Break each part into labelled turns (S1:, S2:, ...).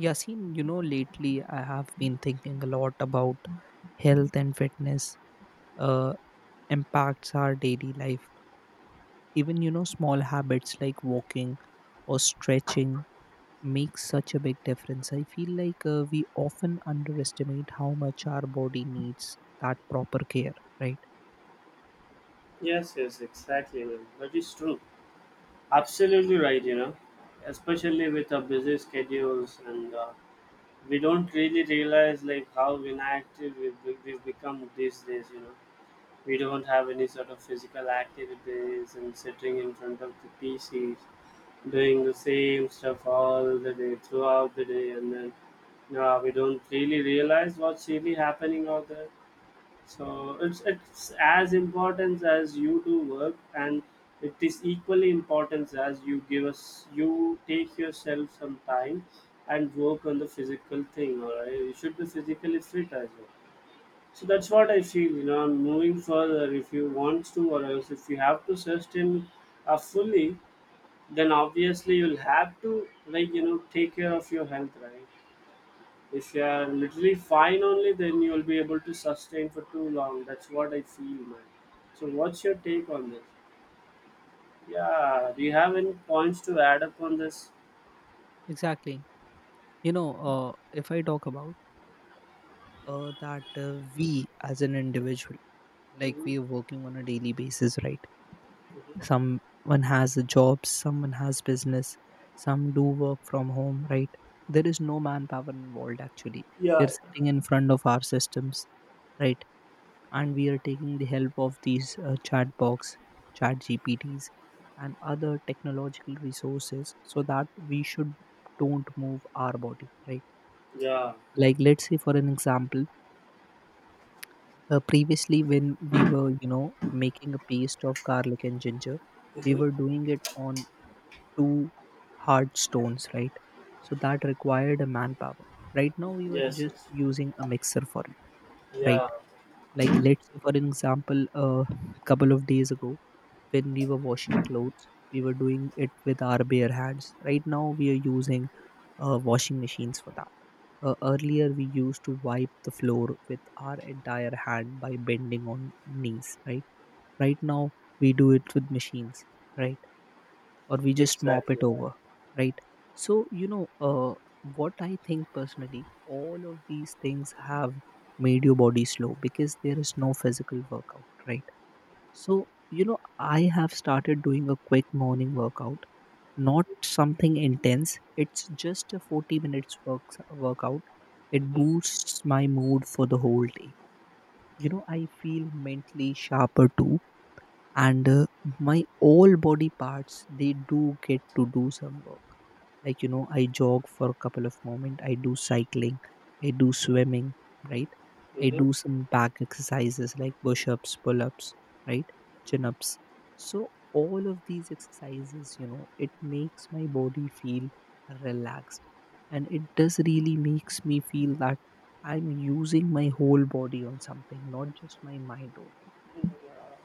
S1: Yasin, lately I have been thinking a lot about health and fitness uh, impacts our daily life. Even, small habits like walking or stretching make such a big difference. I feel like we often underestimate how much our body needs that proper care, right?
S2: Yes, yes, exactly. Man, that is true. Absolutely right, you know, especially with our busy schedules and we don't really realize like how inactive we've become these days, you know. We don't have any sort of physical activities and sitting in front of the PCs doing the same stuff all the day throughout the day and then no, we don't really realize what's really happening out there, so it's as important as you do work, and it is equally important as you give us you take yourself some time and work on the physical thing. All right, you should be physically fit as well. So that's what I feel. You know, and moving further, if you want to, or else if you have to sustain fully, then obviously you'll have to like you know take care of your health, right? If you are literally fine only, then you will be able to sustain for too long. That's what I feel, man. So, what's your take on this? Yeah, do you have any points to add up on this?
S1: Exactly. If I talk about that we as an individual, like we
S2: Hmm
S1: are working on a daily basis, right?
S2: hmm
S1: Someone has a job, someone has business, some do work from home, right? There is no manpower involved, actually. We
S2: Yeah.
S1: are sitting in front of our systems, right? And we are taking the help of these chat box chat gpts and other technological resources so that we should don't move our body, right?
S2: Yeah,
S1: Like, let's say, for an example, previously, when we were making a paste of garlic and ginger, we were
S2: hmm
S1: doing it on two hard stones, right? So that required a manpower. Right now, we were
S2: yes,
S1: just
S2: yes.
S1: using a mixer for it, right?
S2: Yeah.
S1: Like, let's say, for an example, a couple of days ago, when we were washing clothes, we were doing it with our bare hands. Right now, we are using washing machines for that. Earlier, we used to wipe the floor with our entire hand by bending on knees, right? Right now, we do it with machines, right? Or we just mop it
S2: Exactly.
S1: over, right? So what I think personally, all of these things have made your body slow because there is no physical workout, right? So you know I have started doing a quick morning workout, not something intense. It's just a 40 minutes workout. It
S2: hmm
S1: boosts my mood for the whole day. You know, I feel mentally sharper too, and my all body parts they do get to do some work, like I jog for a couple of moment, I do cycling, I do swimming, right? I
S2: hmm
S1: do some back exercises like push ups, pull ups, right? Chin ups. So all of these exercises it makes my body feel relaxed, and it does really makes me feel that I'm using my whole body on something, not just my mind only.
S2: And,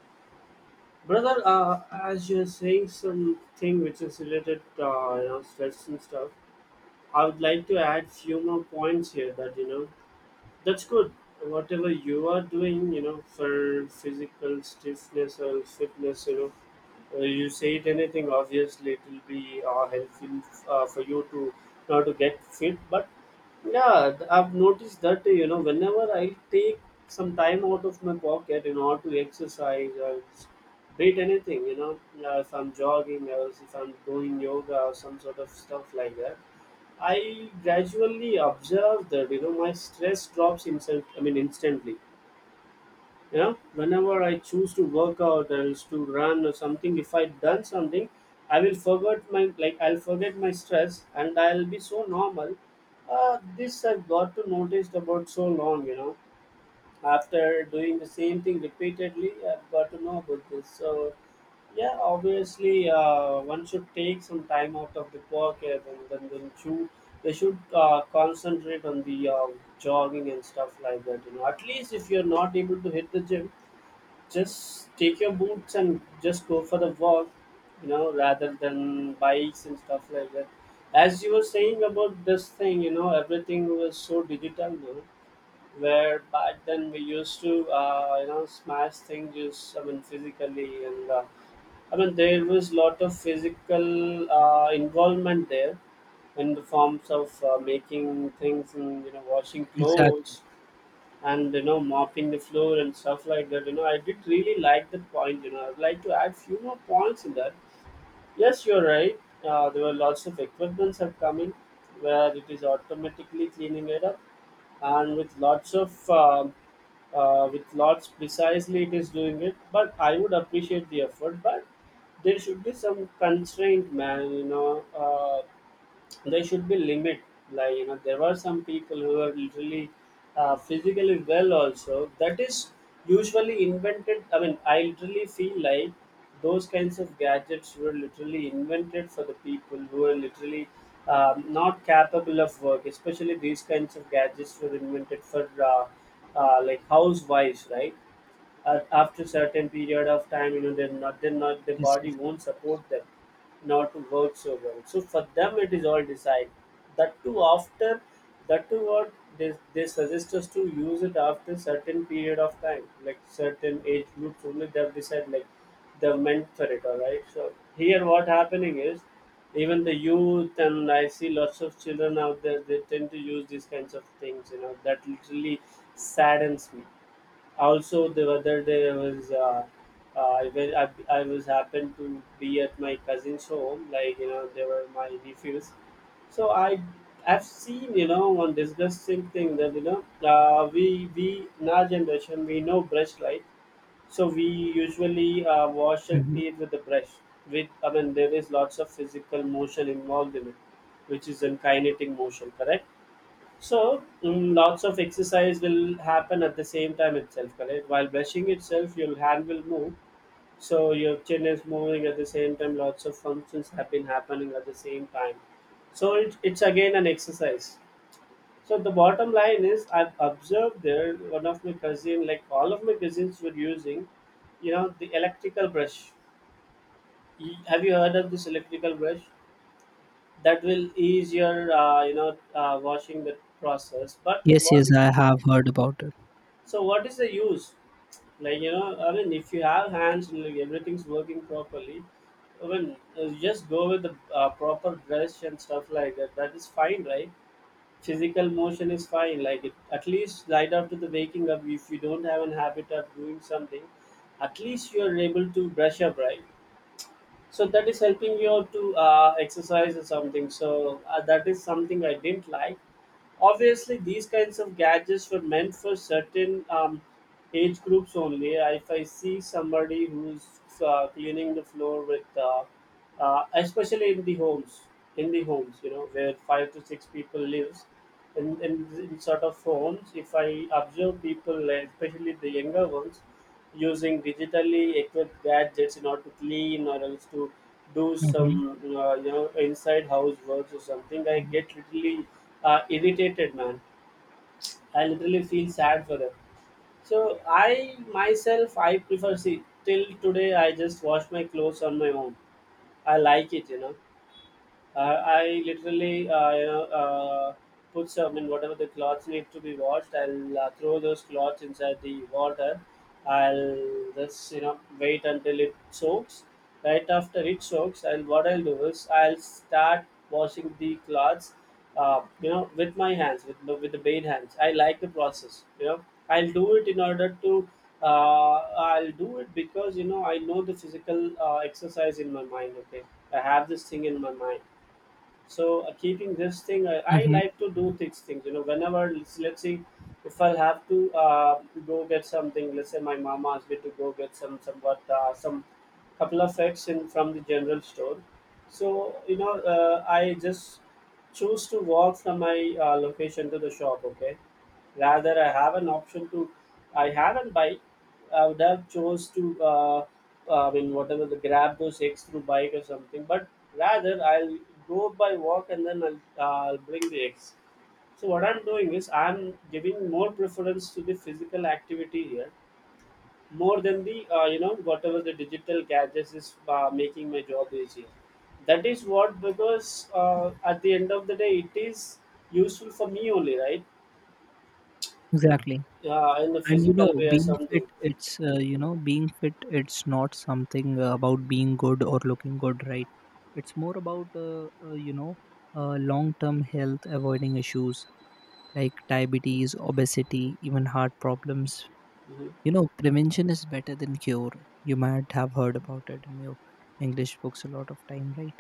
S2: brother, as you're saying something which is related, you know, stress and stuff, I would like to add few more points here that you know. That's good. Whatever you are doing, you know, for physical stiffness or fitness, you know, you say it anything, obviously it will be helpful for you to now to get fit. But yeah, I've noticed that you know whenever I take some time out of my pocket in order to exercise or beat anything, you know, if I'm jogging or if I'm doing yoga or some sort of stuff like that, I gradually observe that you know my stress drops instant. I mean instantly. You know, whenever I choose to work out or is to run or something, if I done something, I will forget my like I'll forget my stress and I'll be so normal. This I've got to notice about so long. You know, after doing the same thing repeatedly I've got to know about this. So yeah, obviously one should take some time out of the work and they should concentrate on the jogging and stuff like that, you know. At least if you're not able to hit the gym, just take your boots and just go for the walk, you know, rather than bikes and stuff like that. As you were saying about this thing, you know, everything was so digital now, where back then we used to you know smash things just I mean physically and I mean there was lot of physical involvement there, in the forms of making things and you know washing
S1: Exactly.
S2: clothes and you know mopping the floor and stuff like that. You know, I did really like that point, you know, I'd like to add few more points in that. Yes, you're right. There were lots of equipments are coming where it is automatically cleaning it up, and with lots of with lots precisely it is doing it. But I would appreciate the effort, but there should be some constraint, man. You know, there should be limit, like you know there were some people who are literally physically well also, that is usually invented. I mean, I literally feel like those kinds of gadgets were literally invented for the people who are literally not capable of work. Especially these kinds of gadgets were invented for like housewives, right? After certain period of time, you know, they're not the
S1: Yes, yes.
S2: body won't support them not to work so well, so for them it is all decide, that too after, that too what, they suggest us to use it after certain period of time, like certain age groups only they have decided like they're meant for it. All right, so here what happening is, even the youth and I see lots of children out there, they tend to use these kinds of things, you know that literally saddens me. Also the other day I was uh, I, wa- I, I was happened to be at my cousin's home, like you know they were my nephews. So I, I've seen you know one disgusting thing that you know we in our generation, we know brush light, so we usually wash our
S1: Mm-hmm.
S2: teeth with the brush, with I mean there is lots of physical motion involved in it, which is in kinetic motion, correct? So, lots of exercise will happen at the same time itself, correct? While brushing itself, your hand will move. So, your chin is moving at the same time. Lots of functions have been happening at the same time. So, it's again an exercise. So, the bottom line is I've observed there one of my cousin, like all of my cousins were using, you know, the electrical brush. Y- have you heard of this electrical brush? That will ease your, you know, washing the process. But
S1: Yes,
S2: what —
S1: yes, I have heard about it.
S2: so what is the use? Like you know, I mean, if you have hands and like, everything's working properly, I mean, just go with the proper brush and stuff like that. That is fine, right? Physical motion is fine. Like it, at least right after the waking up, if you don't have an habit of doing something, at least you are able to brush up, right? So that is helping you to exercise or something. So that is something I didn't like. Obviously these kinds of gadgets were meant for certain age groups only. If I see somebody who's cleaning the floor with especially in the homes, in the homes, you know where five to six people lives, in, in, in sort of homes, if I observe people like, especially the younger ones, using digitally equipped gadgets in order to clean or else to do
S1: Mm-hmm.
S2: some you know inside house works or something, I
S1: Mm-hmm.
S2: get literally irritated, man. I literally feel sad for them. So I myself I prefer, see till today I just wash my clothes on my own. I like it, you know. I literally, you know, put some in whatever the clothes need to be washed. I'll throw those clothes inside the water. I'll just, you know, wait until it soaks. Right after it soaks, and what I'll do is I'll start washing the clothes, you know, with my hands, with with the bare hands. I like the process. You know, I'll do it in order to. Uh, I'll do it because you know I know the physical exercise in my mind. Okay, I have this thing in my mind, so keeping this thing I
S1: Mm-hmm.
S2: like to do these things you know whenever let's see, if I'll have to go get something, let's say my mama asked me to go get some somewhat some couple of eggs in from the general store. So you know I just choose to walk from my location to the shop, okay, rather I have an option to, I have a bike, I would have chose to uh, I mean whatever the grab those eggs through bike or something, but rather I'll go by walk and then I'll bring the eggs. So what I'm doing is I'm giving more preference to the physical activity here, more than the you know whatever the digital gadgets is making my job easier. That is what, because at the end of the day it is useful for me only, right?
S1: Exactly.
S2: Uh, in the
S1: And
S2: physical way or
S1: being fit,
S2: something.
S1: it's not something about being good or looking good, right? It's more about long-term health, avoiding issues like diabetes, obesity, even heart problems.
S2: Hmm.
S1: Prevention is better than cure. You might have heard about it in your English books a lot of time, right?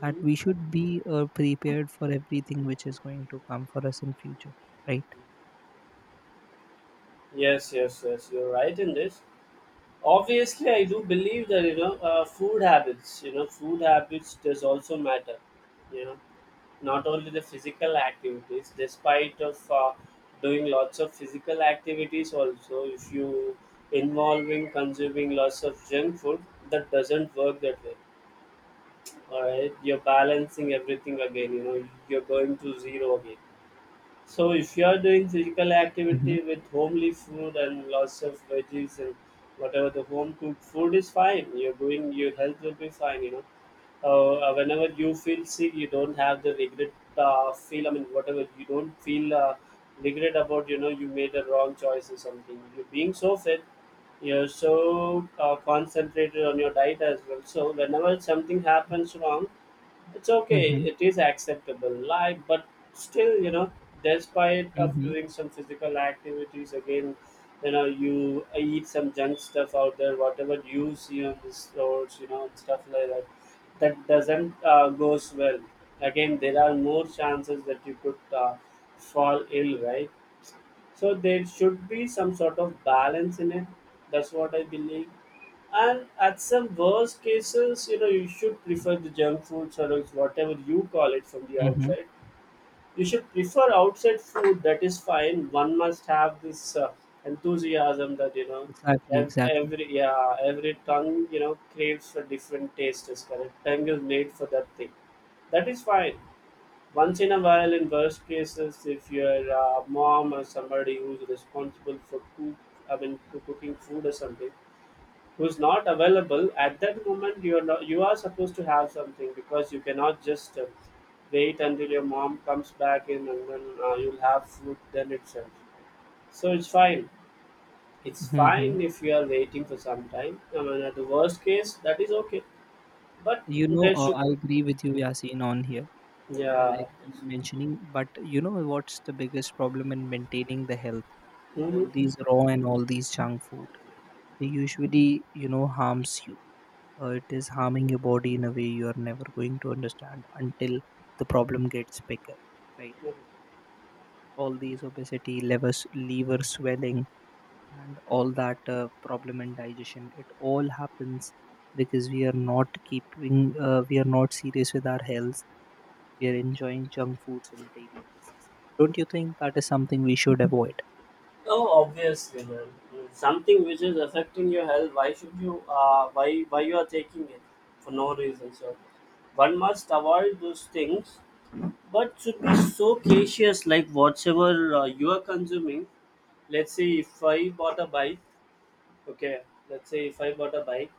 S1: That
S2: Hmm.
S1: we should be prepared for everything which is going to come for us in future, right?
S2: Yes, yes, yes, you're right in this. Obviously I do believe that you know food habits does also matter, you know, not only the physical activities. Despite of doing lots of physical activities also, if you involving consuming lots of junk food, that doesn't work that way. All right, you're balancing everything again, you know, you're going to zero again. So if you are doing physical
S1: Mm-hmm,
S2: activity with homely food and lots of veggies and whatever the home cooked food is fine, you're doing, your health will be fine. You know, whenever you feel sick, you don't have the regret feel. I mean, whatever, you don't feel regret about. You know, you made a wrong choice or something. You're being so fit. You're so concentrated on your diet as well. So whenever something happens wrong, it's okay,
S1: mm-hmm,
S2: it is acceptable like, but still you know despite of
S1: mm-hmm,
S2: doing some physical activities again, you know, you eat some junk stuff out there whatever you see on the roads, you know, and stuff like that, that doesn't goes well. Again, there are more chances that you could fall ill, right? So there should be some sort of balance in it. That's what I believe. And at some worst cases, you know, you should prefer the junk food products, whatever you call it, from the
S1: mm-hmm.
S2: outside. You should prefer outside food, that is fine. One must have this enthusiasm that you know
S1: Exactly, exactly.
S2: every, yeah, every tongue, you know, craves for different taste, is correct. Tongue is made for that thing, that is fine. Once in a while, in worst cases, if your mom or somebody who's responsible for cook, for cooking food or something, who's not available at that moment, you are not, you are supposed to have something because you cannot just wait until your mom comes back in and then you'll have food then itself. So it's fine. It's
S1: Mm-hmm.
S2: fine if you are waiting for some time. I mean, at the worst case, that is okay. But
S1: you know
S2: there
S1: uh,
S2: should,
S1: I agree with you, Yasin, on here. Uh,
S2: yeah.
S1: Like you were mentioning, but you know what's the biggest problem in maintaining the health: all
S2: Mm-hmm.
S1: these raw and all these junk food, they usually harms you. Uh, it is harming your body in a way you are never going to understand until the problem gets bigger, right?
S2: Mm-hmm.
S1: All these obesity levers, liver swelling and all that problem in digestion, it all happens because we are not serious with our health. We are enjoying junk foods on a daily basis. Don't you think that is something we should avoid?
S2: Oh, obviously, man. Something which is affecting your health, why should you? Why you are taking it for no reason? So, one must avoid those things, but should be so cautious, like whatever you are consuming. Let's say if I bought a bike. Okay, let's say if I bought a bike,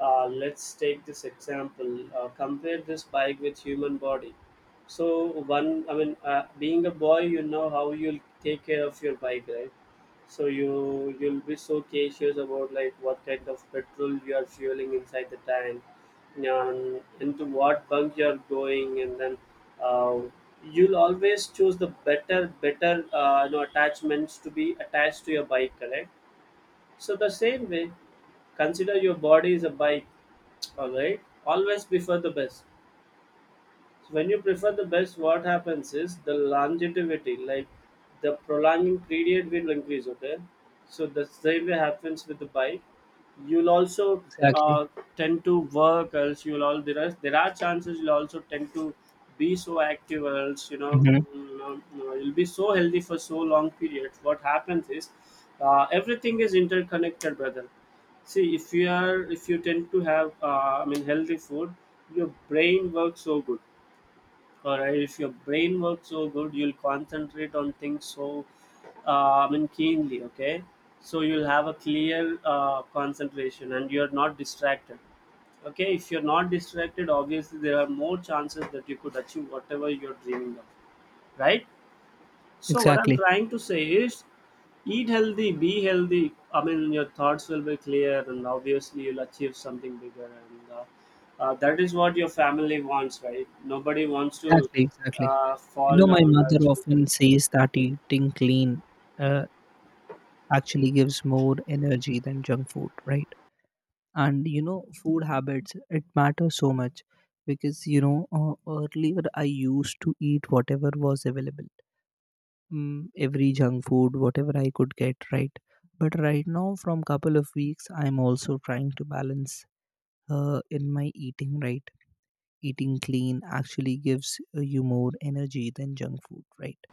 S2: let's take this example. Compare this bike with human body. So one, I mean, being a boy, you know how you'll take care of your bike, right? So you'll be so cautious about like what kind of petrol you are fueling inside the tank, and into what bunk you are going, and then uh, you'll always choose the better you know attachments to be attached to your bike, correct? So the same way, consider your body is a bike, all right? Always prefer the best. So when you prefer the best, what happens is the longevity, like the prolonging period will increase. Okay, so the same way happens with the bike. You'll also
S1: Exactly.
S2: uh, tend to work, else you'll all there are chances you'll also tend to be so active, or else
S1: Hmm.
S2: you'll be so healthy for so long period. What happens is everything is interconnected, brother. See, if you tend to have I mean healthy food, your brain works so good, or if your brain works so good, you'll concentrate on things so I mean keenly, okay? So you'll have a clear concentration and you're not distracted. Okay, if you're not distracted, obviously there are more chances that you could achieve whatever you're dreaming of, right? So what I'm
S1: Exactly.
S2: trying to say is, eat healthy, be healthy. I mean, your thoughts will be clear, and obviously you'll achieve something bigger. And That is what your family wants, right? Nobody wants to
S1: Exactly. Exactly.
S2: fall
S1: My
S2: down,
S1: mother
S2: right? So,
S1: often says that eating clean uh, actually gives more energy than junk food, right? And food habits it matters so much, because earlier I used to eat whatever was available, every junk food whatever I could get, right? But right now from couple of weeks I'm also trying to balance in my eating, right? Eating clean actually gives you more energy than junk food, right?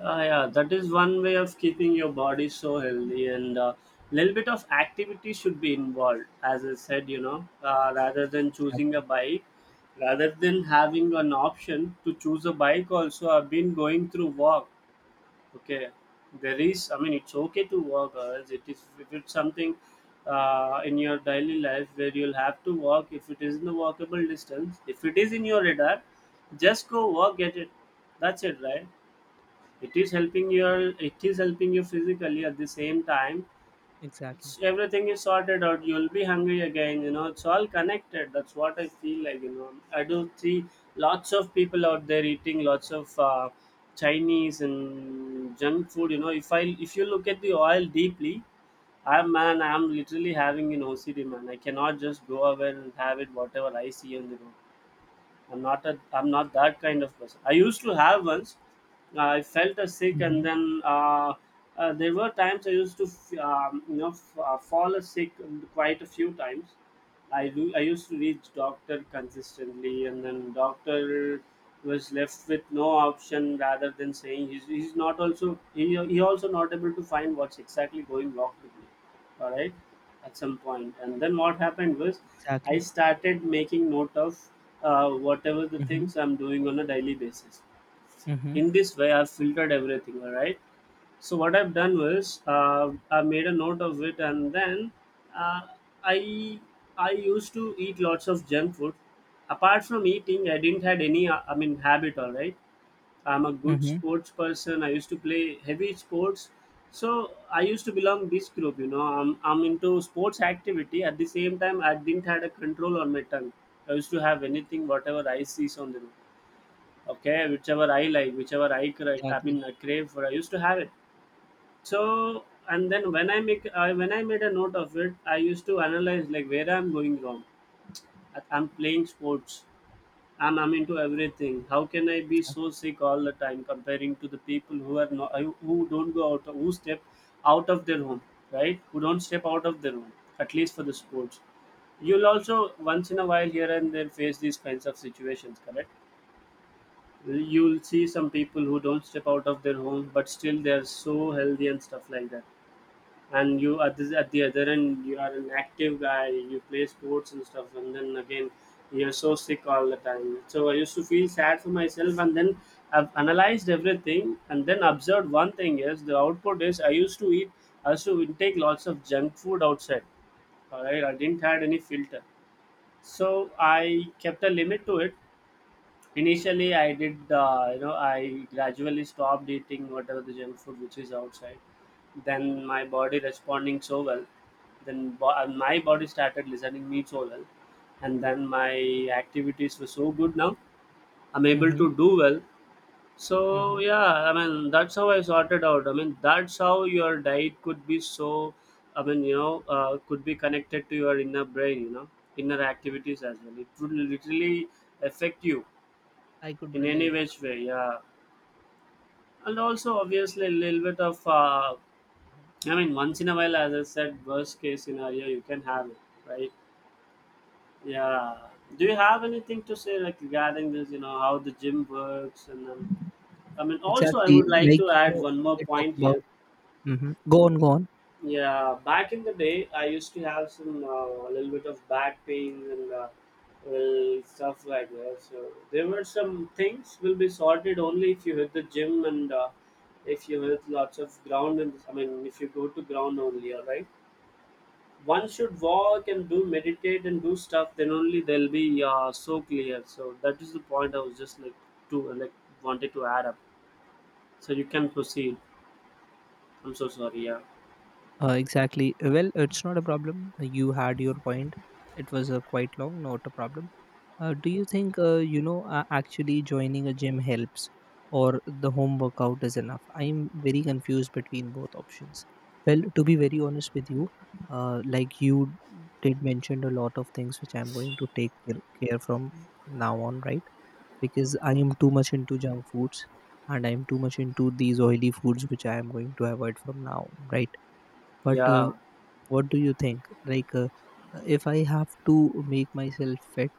S2: yeah, that is one way of keeping your body so healthy, and a little bit of activity should be involved. As I said, you know, rather than choosing a
S1: Exactly,
S2: bike, rather than having an option to choose a bike, also I've been going through walk. Okay, there is. I mean, it's okay to work hours. It is, if it's something in your daily life where you'll have to walk. If it is in the walkable distance, if it is in your radar, just go walk. Get it. That's it, right? It is helping you physically. At the same time, it's
S1: exactly.
S2: everything is sorted out, you'll be hungry again, you know, it's all connected, that's what I feel like, you know. I do see lots of people out there eating lots of Chinese and junk food, you know, if you look at the oil deeply, I'm man, I'm literally having an OCD, man. I cannot just go away and have it whatever I see on the road. I'm not that kind of person. I used to have once. I felt a sick,
S1: Mm-hmm.
S2: and then there were times I used to, fall a sick quite a few times. I do. I used to reach doctor consistently, and then doctor was left with no option rather than saying he's not, he also not able to find what's exactly going wrong with me, all right? At some point, and then what happened was
S1: Exactly.
S2: I started making note of whatever the
S1: Mm-hmm.
S2: things I'm doing on a daily basis.
S1: Mm-hmm.
S2: In this way, I've filtered everything, all right? So what I've done was, I made a note of it, and then uh, i I used to eat lots of junk food. Apart from eating, I didn't had any I mean habit, all right? I'm a good
S1: Mm-hmm.
S2: sports person. I used to play heavy sports, so I used to belong this group. You know, I'm into sports activity. At the same time, I didn't had a control on my tongue. I used to have anything, whatever I sees on the road, okay, whichever I like, whichever I
S1: Exactly,
S2: mean I crave for, I used to have it. So and then when I make I when I made a note of it, I used to analyze like where I'm going wrong. I'm playing sports, I'm into everything. How can I be
S1: exactly.
S2: so sick all the time comparing to the people who are not, who don't go out, who step out of their home, right? Who don't step out of their home at least for the sports. You'll also once in a while here and there face these kinds of situations, correct? You'll see some people who don't step out of their home but still they're so healthy and stuff like that. And you at the other end, you are an active guy, you play sports and stuff, and then again you're so sick all the time. So I used to feel sad for myself, and then I've analyzed everything, and then observed one thing is, the output is, I used to eat, I used to intake lots of junk food outside, all right? I didn't had any filter, so I kept a limit to it. Initially, I did, you know, I gradually stopped eating whatever the junk food which is outside. Then my body responding so well, then my body started listening me so well, and then my activities were so good now. I'm able
S1: Mm-hmm.
S2: to do well. So
S1: Mm-hmm.
S2: yeah, I mean that's how I sorted out. I mean that's how your diet could be so, I mean you know, could be connected to your inner brain, you know, inner activities as well. It would literally affect you
S1: I could
S2: in any
S1: relate.
S2: which way, yeah. And also obviously a little bit of
S1: Mm-hmm.
S2: I mean once in a while, as I said, worst case scenario, you can have it, right? Yeah. Do you have anything to say like regarding this, you know, how the gym works? And then I mean also I
S1: Exactly.
S2: would like
S1: Like,
S2: to add one more
S1: if I talk
S2: point here.
S1: about. Hmm. Go on, go on.
S2: Yeah, back in the day, I used to have some a little bit of back pains and well, stuff like that. So there were some things will be sorted only if you hit the gym and if you hit lots of ground, and I mean if you go to ground only, all right. One should walk and do meditate and do stuff. Then only they'll be so clear. So that is the point I was just like to like wanted to add up. So you can proceed. I'm so sorry. Yeah,
S1: Exactly. Well, it's not a problem. You had your point. It was quite long, not a problem. Do you think, actually joining a gym helps or the home workout is enough? I'm very confused between both options. Well, to be very honest with you, like you did mention a lot of things which I'm going to take care from now on, right? Because I am too much into junk foods, and I am too much into these oily foods which I am going to avoid from now on, right? But
S2: yeah.
S1: what do you think? Like, if I have to make myself fit,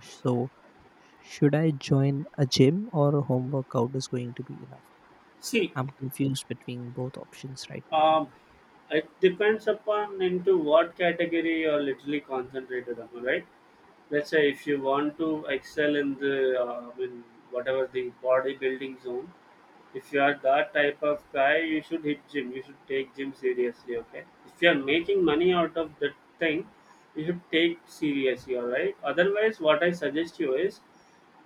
S1: so should I join a gym or a home workout is going to be enough?
S2: See,
S1: I'm confused between both options right now.
S2: Um, it depends upon into what category you're literally concentrated on, right? Let's say if you want to excel in the, I mean, whatever the bodybuilding zone, if you are that type of guy, you should hit gym. You should take gym seriously, okay? If you are making money out of that thing, you should take seriously, all right? Otherwise, what I suggest you is,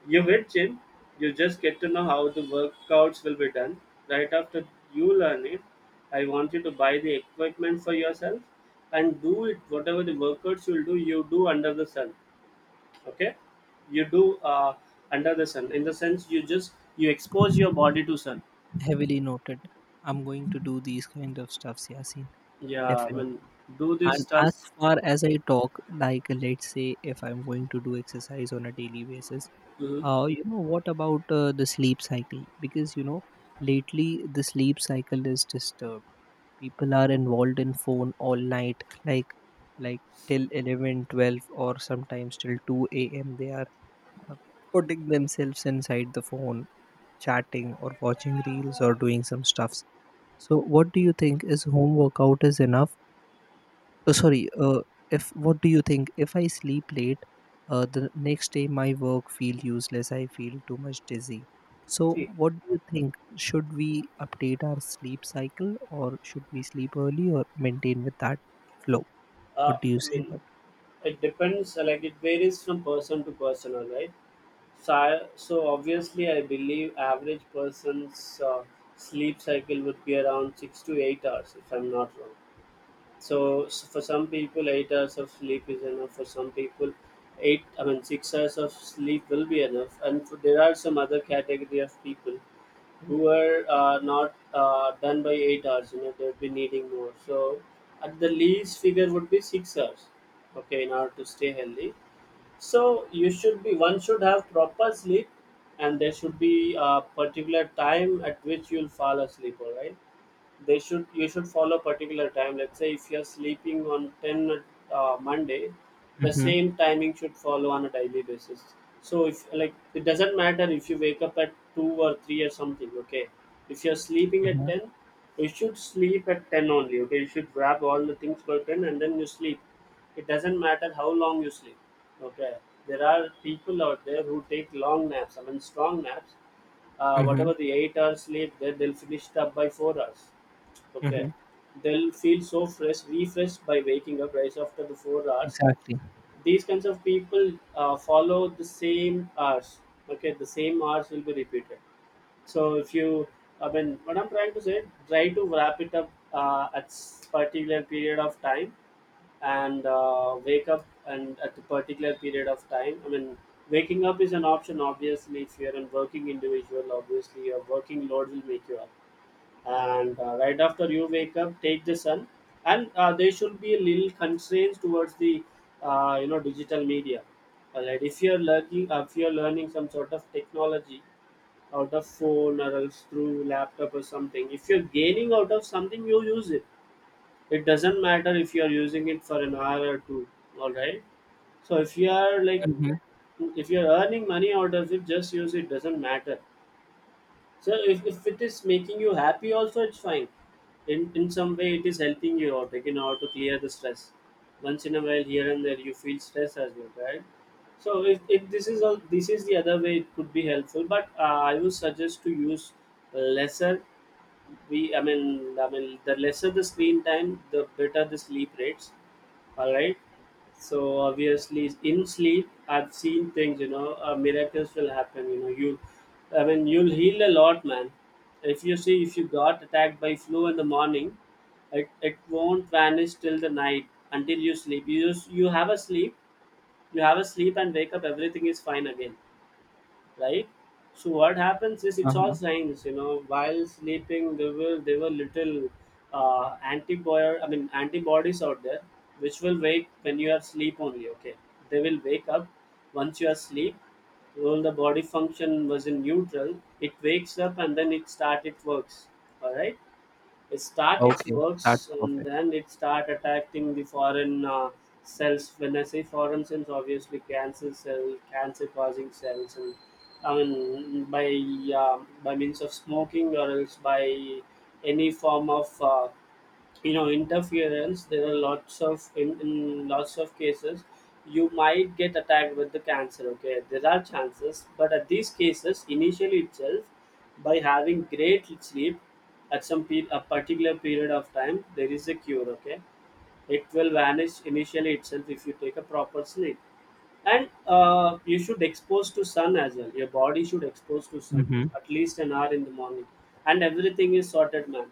S2: you hit gym, you just get to know how the workouts will be done. Right after you learn it, I want you to buy the equipment for yourself and do it. Whatever the workouts you'll do, you do under the sun, okay? You do under the sun in the sense you just you expose your body to sun.
S1: Heavily noted. I'm going to do these kind of stuffs, Yasin.
S2: Yeah, I mean,
S1: Definitely.
S2: do this
S1: And as
S2: stuff.
S1: far as I talk, like let's say if I'm going to do exercise on a daily basis,
S2: Hmm.
S1: what about the sleep cycle? Because, lately the sleep cycle is disturbed. People are involved in phone all night, like like till 11, 12, or sometimes till 2 a.m. They are uh, putting themselves inside the phone, chatting or watching reels or doing some stuffs. So what do you think? Is home workout is enough? Oh, sorry. If What do you think? If I sleep late, the next day my work feel useless. I feel too much dizzy. So,
S2: See,
S1: what do you think? Should we update our sleep cycle, or should we sleep early, or maintain with that flow?
S2: uh,
S1: What do you
S2: I
S1: say
S2: mean,
S1: about? It?
S2: it depends. Like it varies from person to person, all right. So, so obviously, I believe average person's sleep cycle would be around 6 to 8 hours, if I'm not wrong. So for some people, 8 hours of sleep is enough. For some people, eight I mean 6 hours of sleep will be enough. And for, there are some other category of people who are not done by 8 hours. You know they'll be needing more. So at the least figure would be 6 hours. Okay, in order to stay healthy. So you should be one should have proper sleep, and there should be a particular time at which you'll fall asleep. All right, they should you should follow particular time. Let's say if you're sleeping on 10, Monday, the
S1: Mm-hmm,
S2: same timing should follow on a daily basis. So if, like, it doesn't matter if you wake up at 2 or 3 or something. Okay, if you're sleeping at
S1: mm-hmm,
S2: 10, you should sleep at 10 only. Okay, you should grab all the things for 10 and then you sleep. It doesn't matter how long you sleep. Okay, there are people out there who take long naps, I mean strong naps.
S1: mm-hmm,
S2: Whatever the 8 hours sleep, they'll finish it up by 4 hours.
S1: mm-hmm.
S2: Okay. They'll feel so fresh, refreshed by waking up right after the 4 hours.
S1: Exactly.
S2: These kinds of people follow the same hours. Okay, the same hours will be repeated. So if you, I mean, what I'm trying to say, try to wrap it up at particular period of time and wake up and at a particular period of time. I mean, waking up is an option obviously if you're a working individual. Obviously, your working load will make you up and right after you wake up take the sun, and there should be a little constraints towards the you know, digital media. Alright, if you're learning some sort of technology out of phone or else through laptop or something, if you're gaining out of something you use it. It doesn't matter if you're using it for an hour or two, all right? So if you are like,
S1: Mm-hmm,
S2: if you're earning money out of it, just use it, doesn't matter. So if it is making you happy also, it's fine. In some way it is helping you out, like in order to clear the stress. Once in a while here and there you feel stress as well, right? So if this is all, this is the other way it could be helpful, but I would suggest to use lesser. We I mean I mean the lesser the screen time, the better the sleep rates, all right? So obviously in sleep I've seen things, you know, miracles will happen, you know. You i mean you'll heal a lot, man. If you see, if you got attacked by flu in the morning, it won't vanish till the night until you sleep. You have a sleep, you have a sleep and wake up, everything is fine again, right? So what happens is, it's all
S1: uh-huh.
S2: science, you know. While sleeping, there were little antibody, I mean antibodies out there, which will wake when you are asleep only. Okay, they will wake up once you are asleep. Well, the body function was in neutral. It wakes up and then it works. All right, it start its
S1: Okay, that's
S2: works and
S1: perfect.
S2: then it start attacking the foreign cells. When I say foreign cells, obviously cancer cell, cancer causing cells, and I mean by means of smoking or else by any form of you know, interference, there are lots of in lots of cases you might get attacked with the cancer. Okay, there are chances, but at these cases initially itself, by having great sleep at a particular period of time, there is a cure. Okay, it will vanish initially itself if you take a proper sleep. And you should expose to sun as well. Your body should expose to sun
S1: Mm-hmm,
S2: at least an hour in the morning and everything is sorted, man.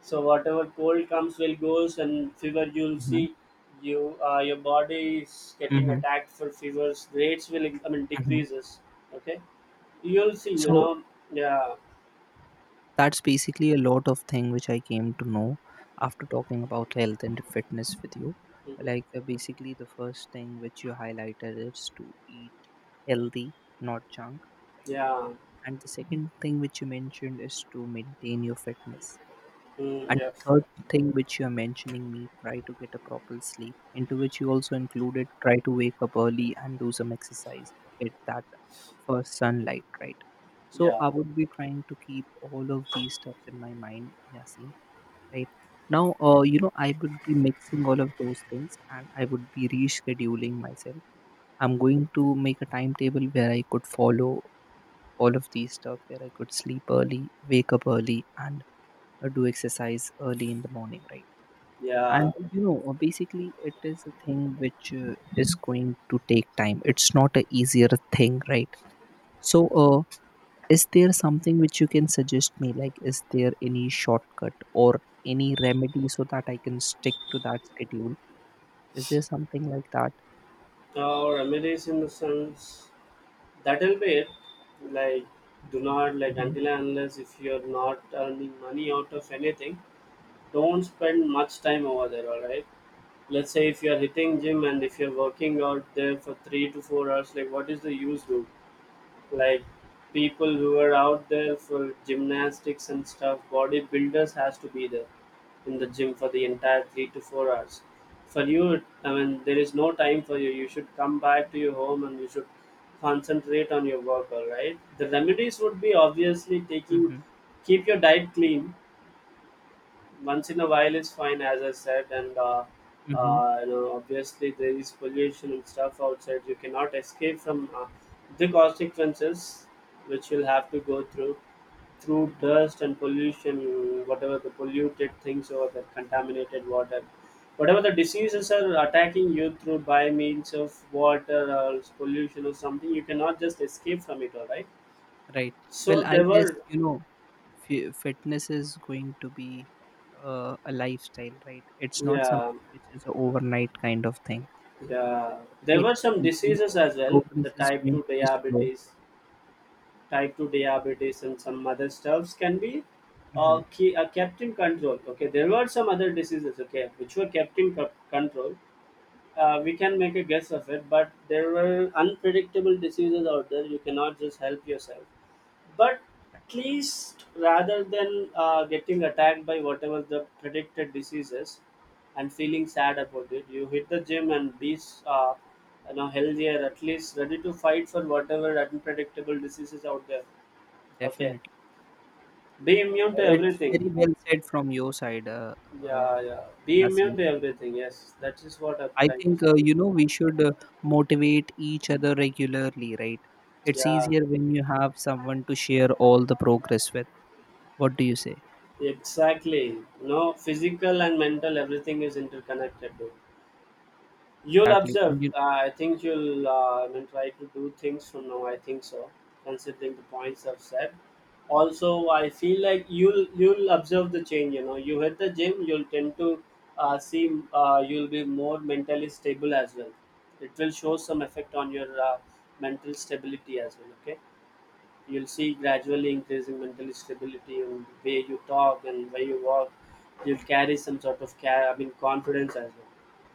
S2: So whatever cold comes will goes, and fever, you'll
S1: mm-hmm,
S2: see, your body is getting
S1: mm-hmm,
S2: attacked for fevers rates will, I mean,
S1: mm-hmm.
S2: decreases. Okay, you'll see, you
S1: So,
S2: know. Yeah.
S1: that's basically a lot of thing which I came to know after talking about health and fitness with you.
S2: Mhm.
S1: Like basically, the first thing which you highlighted is to eat healthy, not junk, right?
S2: Yeah.
S1: And the second thing which you mentioned is to maintain your fitness, right?
S2: Mm,
S1: And
S2: yeah.
S1: the third thing which you're mentioning me, try to get a proper sleep, into which you also included try to wake up early and do some exercise, get that first sunlight, right? So
S2: Yeah.
S1: I would be trying to keep all of these stuffs in my mind, Yasin, right? Now, I would be mixing all of those things and I would be rescheduling myself. I'm going to make a timetable where I could follow all of these stuff, where I could sleep early, wake up early, and do exercise early in the morning, right?
S2: Yeah.
S1: And basically, it is a thing which is going to take time. It's not a easier thing, right? So is there something which you can suggest me, like is there any shortcut or any remedy so that I can stick to that schedule? Is there something like that?
S2: Or remedies in the sense, that will be
S1: Mm-hmm,
S2: it. Like, do not like,
S1: mm-hmm,
S2: until and unless if you're not earning money out of anything, don't spend much time over there, all right? Let's say if you're hitting gym and if you're working out there for 3 to 4 hours, like what is the use, dude? Like, people who are out there for gymnastics and stuff, bodybuilders has to be there in the gym for the entire 3 to 4 hours. For you, I mean, there is no time for you. You should come back to your home and you should concentrate on your work, all right? The remedies would be, obviously, taking,
S1: mm-hmm.
S2: keep your diet clean. Once in a while is fine, as I said, and
S1: Mm-hmm.
S2: you know, obviously there is pollution and stuff outside. You cannot escape from the consequences which you'll have to go through through dust and pollution, whatever the polluted things or the contaminated water, whatever the diseases are attacking you through by means of water or pollution or something. You cannot just escape from it. All right.
S1: Right. Well,
S2: So
S1: I
S2: there
S1: guess
S2: were.
S1: fitness is going to be a lifestyle, right? It's not
S2: Yeah.
S1: something which is an overnight kind of thing.
S2: There
S1: Right,
S2: were some
S1: and
S2: diseases as
S1: the
S2: well. The
S1: progress is going to be slow.
S2: type two diabetes, and some other stuffs can be
S1: Hmm.
S2: kept in control. Okay, there were some other diseases. Okay, which were kept in control. We can make a guess of it, but there were unpredictable diseases out there. You cannot just help yourself. But at least rather than getting attacked by whatever the predicted disease is and feeling sad about it, you hit the gym and be uh, you know, healthier, at least ready to fight for whatever unpredictable diseases out there. Okay.
S1: Definitely.
S2: Be immune to
S1: It's
S2: everything.
S1: very well said from your side, uh,
S2: Yeah, yeah. Be
S1: Yasin.
S2: immune to everything. Yes, that is what I'm
S1: I
S2: trying to
S1: think,
S2: say.
S1: we should motivate each other regularly, right? It's
S2: Yeah.
S1: easier when you have someone to share all the progress with. What do you say?
S2: Exactly. You know, physical and mental, everything is interconnected. Though. You'll
S1: Exactly.
S2: observe.
S1: And you,
S2: I think try to do things from now. I think so, considering the points I've said. Also, I feel like you'll observe the change. You know, you hit the gym, you'll tend to see. You'll be more mentally stable as well. It will show some effect on your mental stability as well. Okay. You'll see gradually increasing mental stability in the way you talk and way you walk. You'll carry some sort of care, I mean, confidence as well.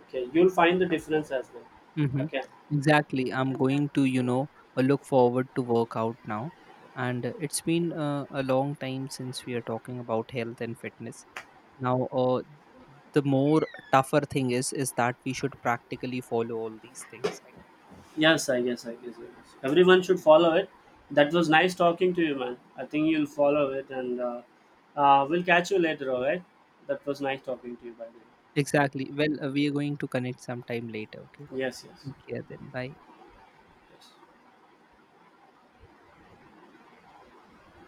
S2: Okay, you'll find the difference as well.
S1: hmm.
S2: Okay.
S1: Exactly. I'm going to, look forward to work out now. And it's been a long time since we are talking about health and fitness. Now, the more tougher thing is that we should practically follow all these things, right?
S2: Yes, I guess. Everyone should follow it. That was nice talking to you, man. I think you'll follow it, and we'll catch you later. All right. That was nice talking to you, by the
S1: Exactly. Well, we are going to connect sometime later, okay?
S2: way. Yes,
S1: Take care then. Bye.
S2: yes.